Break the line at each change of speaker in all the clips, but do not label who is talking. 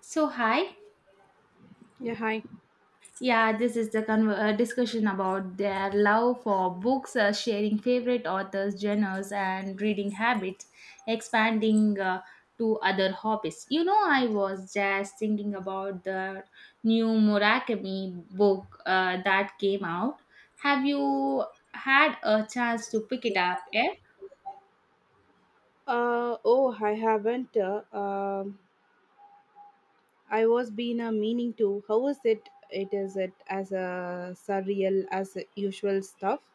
So, hi.
Yeah, hi.
Yeah, this is the conver discussion about their love for books, sharing favorite authors, genres, and reading habits, expanding to other hobbies. You know, I was just thinking about the new Murakami book that came out. Have you had a chance to pick it up yet?
Oh, I haven't. I was been a meaning to. How is it? It is it as a surreal as usual stuff.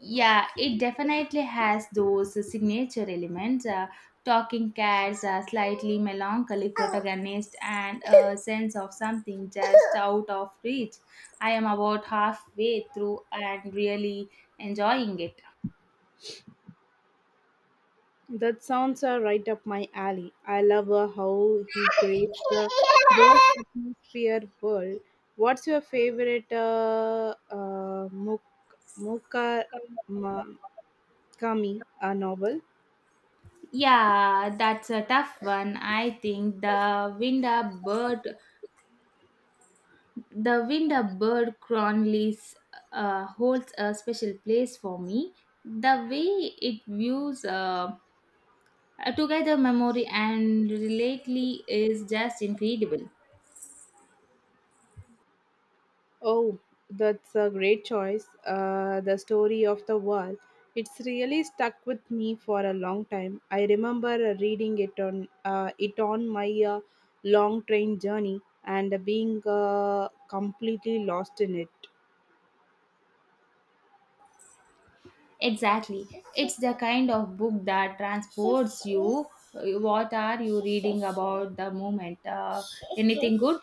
Yeah, it definitely has those signature elements, talking cats, a slightly melancholic protagonist, and a sense of something just out of reach. I am about halfway through and really enjoying it.
That sounds are right up my alley. I love how he creates those atmosphere world. What's your favorite Muk- Muka Ma- Kami novel?
Yeah, that's a tough one. I think the Winda Bird, the wind a bird Cronley's, holds a special place for me. The way it views a together memory and relatedly is just incredible.
Oh, that's a great choice. The story of the wall. It's really stuck with me for a long time. I remember reading it on it on my long train journey and being completely lost in it.
Exactly. It's the kind of book that transports you. What are you reading about the moment? Anything good?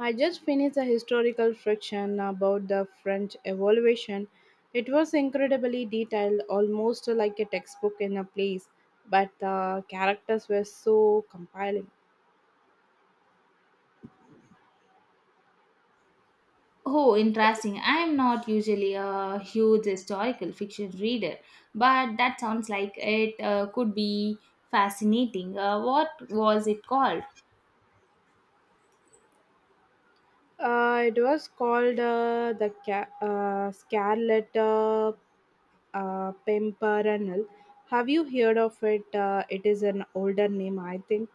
I just finished a historical fiction about the French Revolution. It was incredibly detailed, almost like a textbook in a place, but the characters were so compelling.
Oh, interesting. I am not usually a huge historical fiction reader, but that sounds like it could be fascinating. What was it called?
It was called the Scarlet Pimpernel. Have you heard of it? It is an older name, I think.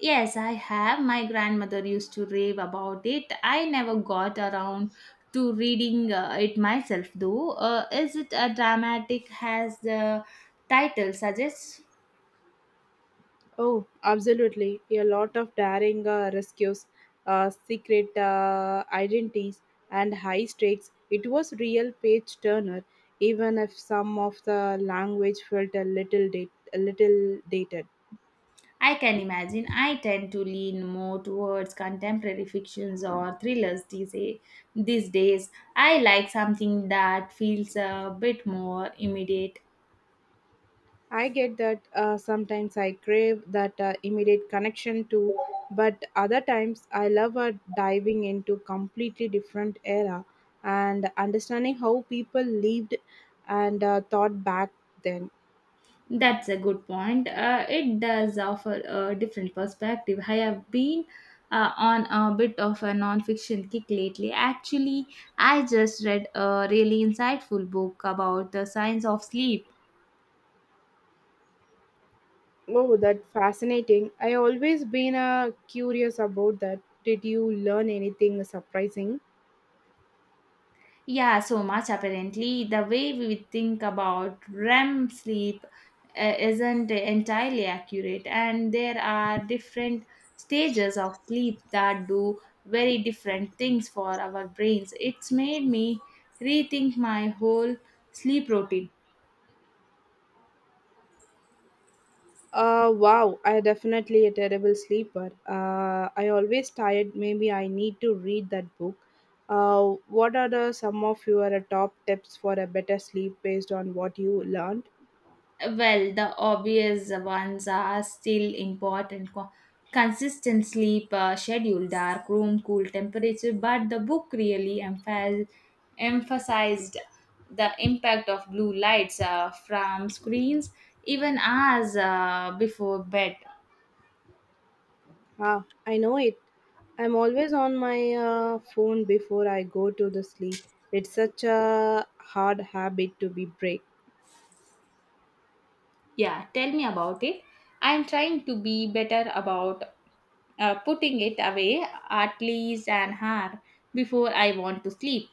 Yes, I have. My grandmother used to rave about it. I never got around to reading it myself, though. Is it a dramatic as the title suggests?
Oh, absolutely. A lot of daring rescues, secret identities, and high stakes. It was real page turner, even if some of the language felt a little dated.
I can imagine. I tend to lean more towards contemporary fictions or thrillers these days. I like something that feels a bit more immediate.
I get that. Sometimes I crave that immediate connection to, but other times I love diving into completely different era and understanding how people lived and thought back then.
That's a good point. It does offer a different perspective. I have been on a bit of a non-fiction kick lately. Actually, I just read a really insightful book about the science of sleep.
Oh, that fascinating! I always been curious about that. Did you learn anything surprising?
Yeah, so much apparently. The way we think about REM sleep isn't entirely accurate, and there are different stages of sleep that do very different things for our brains. It's made me rethink my whole sleep routine.
Wow, I definitely a terrible sleeper. I always tired. Maybe I need to read that book. What are some of your top tips for a better sleep based on what you learned?
Well, the obvious ones are still important. Consistent sleep schedule, dark room, cool temperature, but the book really emphasized the impact of blue lights from screens even hours before bed.
Ah, I know it. I'm always on my phone before I go to the sleep. It's such a hard habit to be break.
Yeah, tell me about it. I'm trying to be better about putting it away at least an hour before I want to sleep.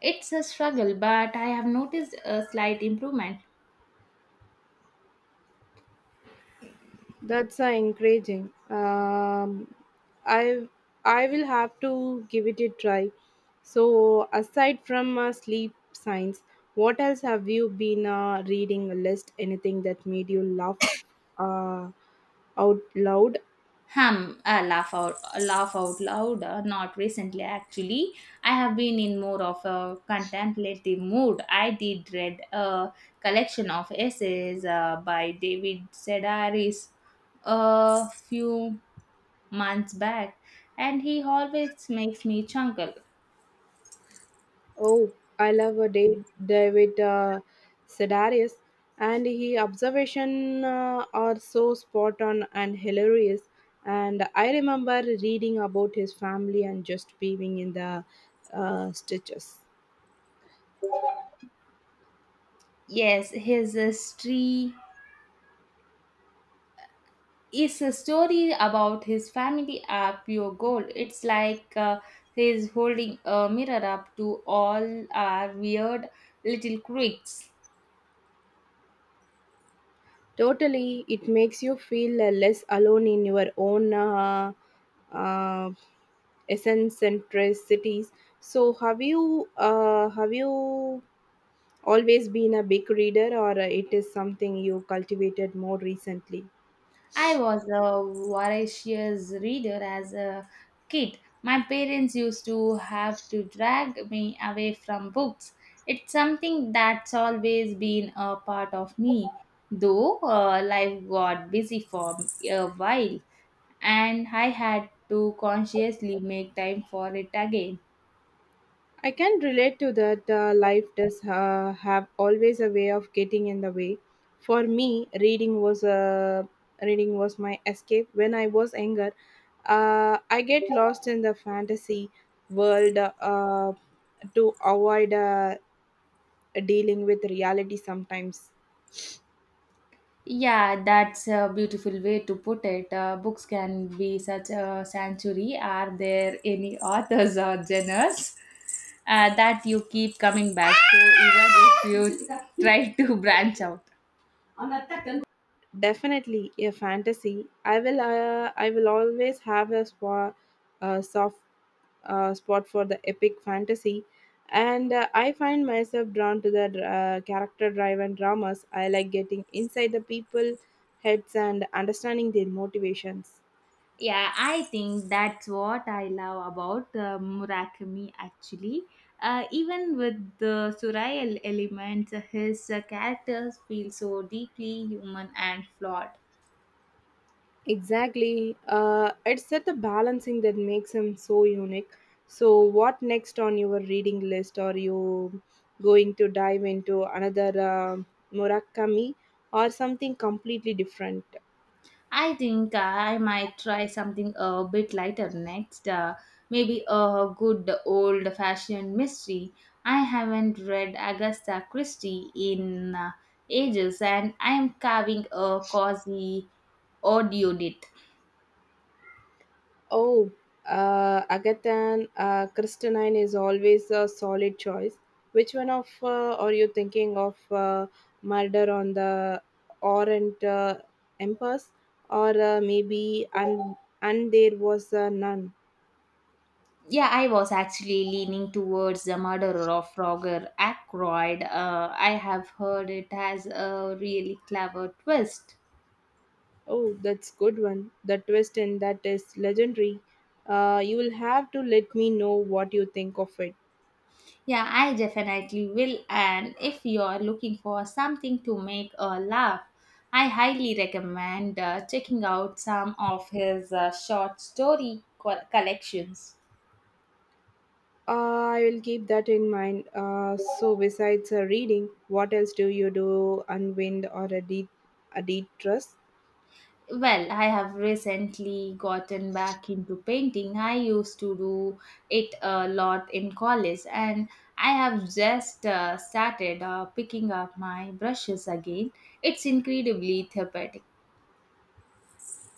It's a struggle, but I have noticed a slight improvement.
That's encouraging. I I will have to give it a try. So aside from sleep science, what else have you been reading? A list? Anything that made you laugh uh, out loud?
Laugh out loud. Not recently, actually. I have been in more of a contemplative mood. I did read a collection of essays by David Sedaris a few months back, and he always makes me chuckle.
Oh, I love a day David Sedaris, and he observation are so spot on and hilarious. And I remember reading about his family and just being in the stitches.
Yes, his history is a story about his family are pure gold. It's like he's holding a mirror up to all our weird little quirks.
Totally, it makes you feel less alone in your own uh, eccentricities. So, have you always been a big reader, or it is something you cultivated more recently?
I was a voracious reader as a kid. My parents used to have to drag me away from books. It's something that's always been a part of me, though life got busy for a while and I had to consciously make time for it again.
I can relate to that. Life does have always a way of getting in the way. For me, reading was my escape when I was younger. I get lost in the fantasy world to avoid dealing with reality sometimes.
Yeah, that's a beautiful way to put it. Books can be such a sanctuary. Are there any authors or genres that you keep coming back to even if you try to branch out?
Definitely a fantasy. I will always have soft spot for the epic fantasy, and I find myself drawn to the character-driven dramas. I like getting inside the people heads and understanding their motivations.
Yeah, I think that's what I love about Murakami actually. Even with the surreal elements, his characters feel so deeply human and flawed.
Exactly, it's that the balancing that makes him so unique. So, what next on your reading list? Are you going to dive into another Murakami or something completely different?
I think I might try something a bit lighter next. Maybe a good old fashioned mystery. I haven't read Agatha Christie in ages, and I am carving a cozy audio date.
Oh, Agatha Christenine is always a solid choice. Which one of are you thinking of? Murder on the Orient Empress, or maybe and there was none.
Yeah, I was actually leaning towards the murderer of Roger Ackroyd. I have heard it has a really clever twist.
Oh, that's good one. The twist in that is legendary. You will have to let me know what you think of it.
Yeah, I definitely will. And if you are looking for something to make a laugh, I highly recommend checking out some of his short story collections.
I will keep that in mind. So, besides reading, what else do you do? Unwind or a deep trust?
Well, I have recently gotten back into painting. I used to do it a lot in college, and I have just started picking up my brushes again. It's incredibly therapeutic.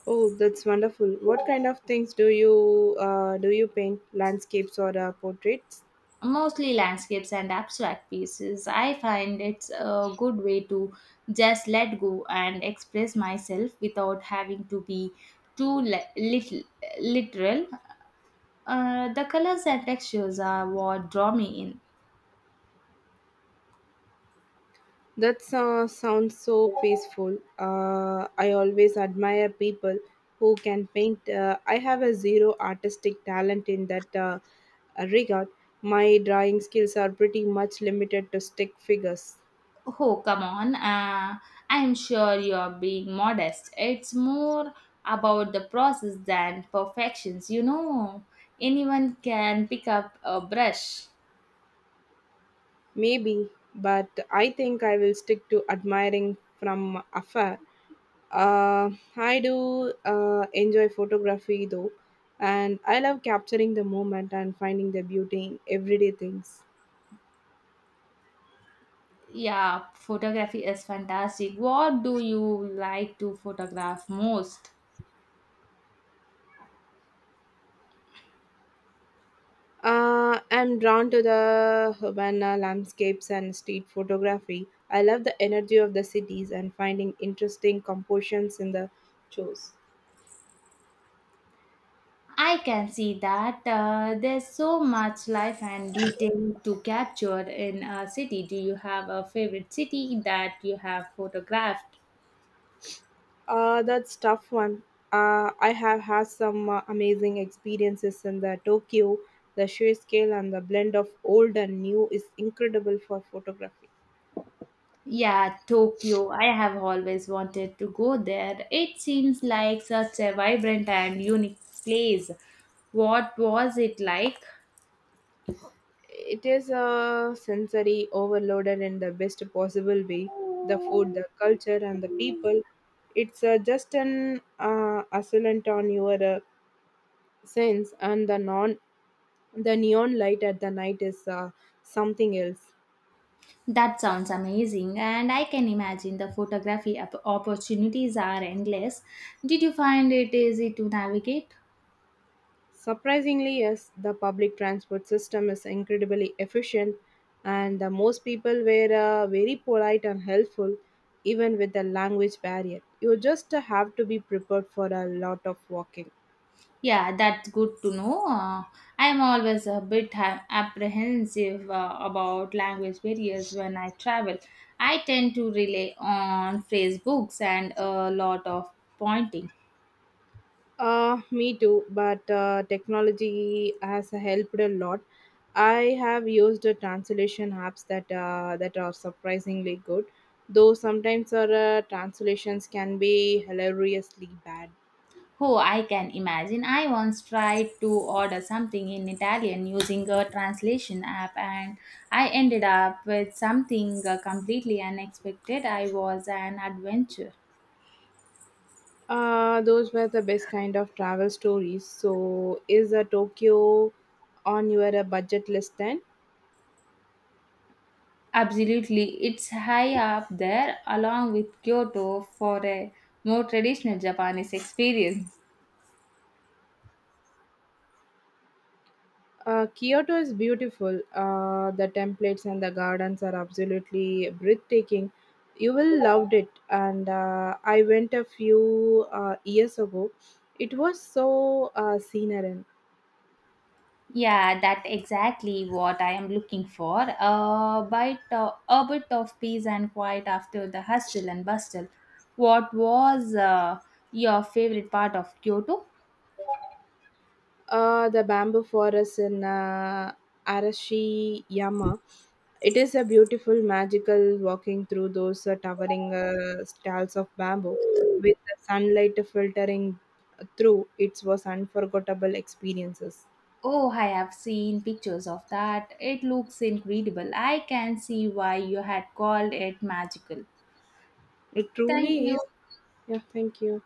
Oh, that's wonderful. What kind of things do? You paint landscapes or portraits?
Mostly landscapes and abstract pieces. I find it's a good way to just let go and express myself without having to be too literal. The colors and textures are what draw me in.
That sounds so peaceful. I always admire people who can paint. I have a zero artistic talent in that regard. My drawing skills are pretty much limited to stick figures.
Oh, come on. I'm sure you're being modest. It's more about the process than perfections. You know, anyone can pick up a brush.
Maybe, but I think I will stick to admiring from afar. Uh, I do enjoy photography though, and I love capturing the moment and finding the beauty in everyday things.
Yeah, photography is fantastic. What do you like to photograph most?
I'm drawn to the Havana landscapes and street photography. I love the energy of the cities and finding interesting compositions in the shows.
I can see that, there's so much life and detail to capture in a city. Do you have a favorite city that you have photographed?
That's tough one. I have had some amazing experiences in the Tokyo. The sheer scale and the blend of old and new is incredible for photography.
Yeah, Tokyo. I have always wanted to go there. It seems like such a vibrant and unique place. What was it like?
It is a sensory overloaded in the best possible way. The food, the culture, and the people. It's just an assailant on your sense, and the neon light at the night is something else.
That sounds amazing, and I can imagine the photography opportunities are endless. Did you find it easy to navigate?
Surprisingly, yes, the public transport system is incredibly efficient, and most people were very polite and helpful, even with the language barrier. You just have to be prepared for a lot of walking.
Yeah, that's good to know. I am always a bit apprehensive about language barriers when I travel. I tend to rely on phrase books and a lot of pointing.
Me too, but technology has helped a lot. I have used translation apps that are surprisingly good, though sometimes our translations can be hilariously bad.
Oh, I can imagine. I once tried to order something in Italian using a translation app, and I ended up with something completely unexpected. I was an adventure.
Those were the best kind of travel stories. So, is Tokyo on your budget list then?
Absolutely, it's high up there along with Kyoto for a more traditional Japanese experience.
Kyoto is beautiful. The templates and the gardens are absolutely breathtaking. You will love it. And I went a few years ago. It was so scenery.
Yeah, that exactly what I am looking for. A bit of peace and quiet after the hustle and bustle. What was your favorite part of Kyoto?
The bamboo forest in Arashiyama. It is a beautiful, magical walking through those towering stalls of bamboo with the sunlight filtering through. It was unforgettable experiences.
Oh, I have seen pictures of that. It looks incredible. I can see why you had called it magical.
It
Thank
truly
you.
is. Yeah, thank you.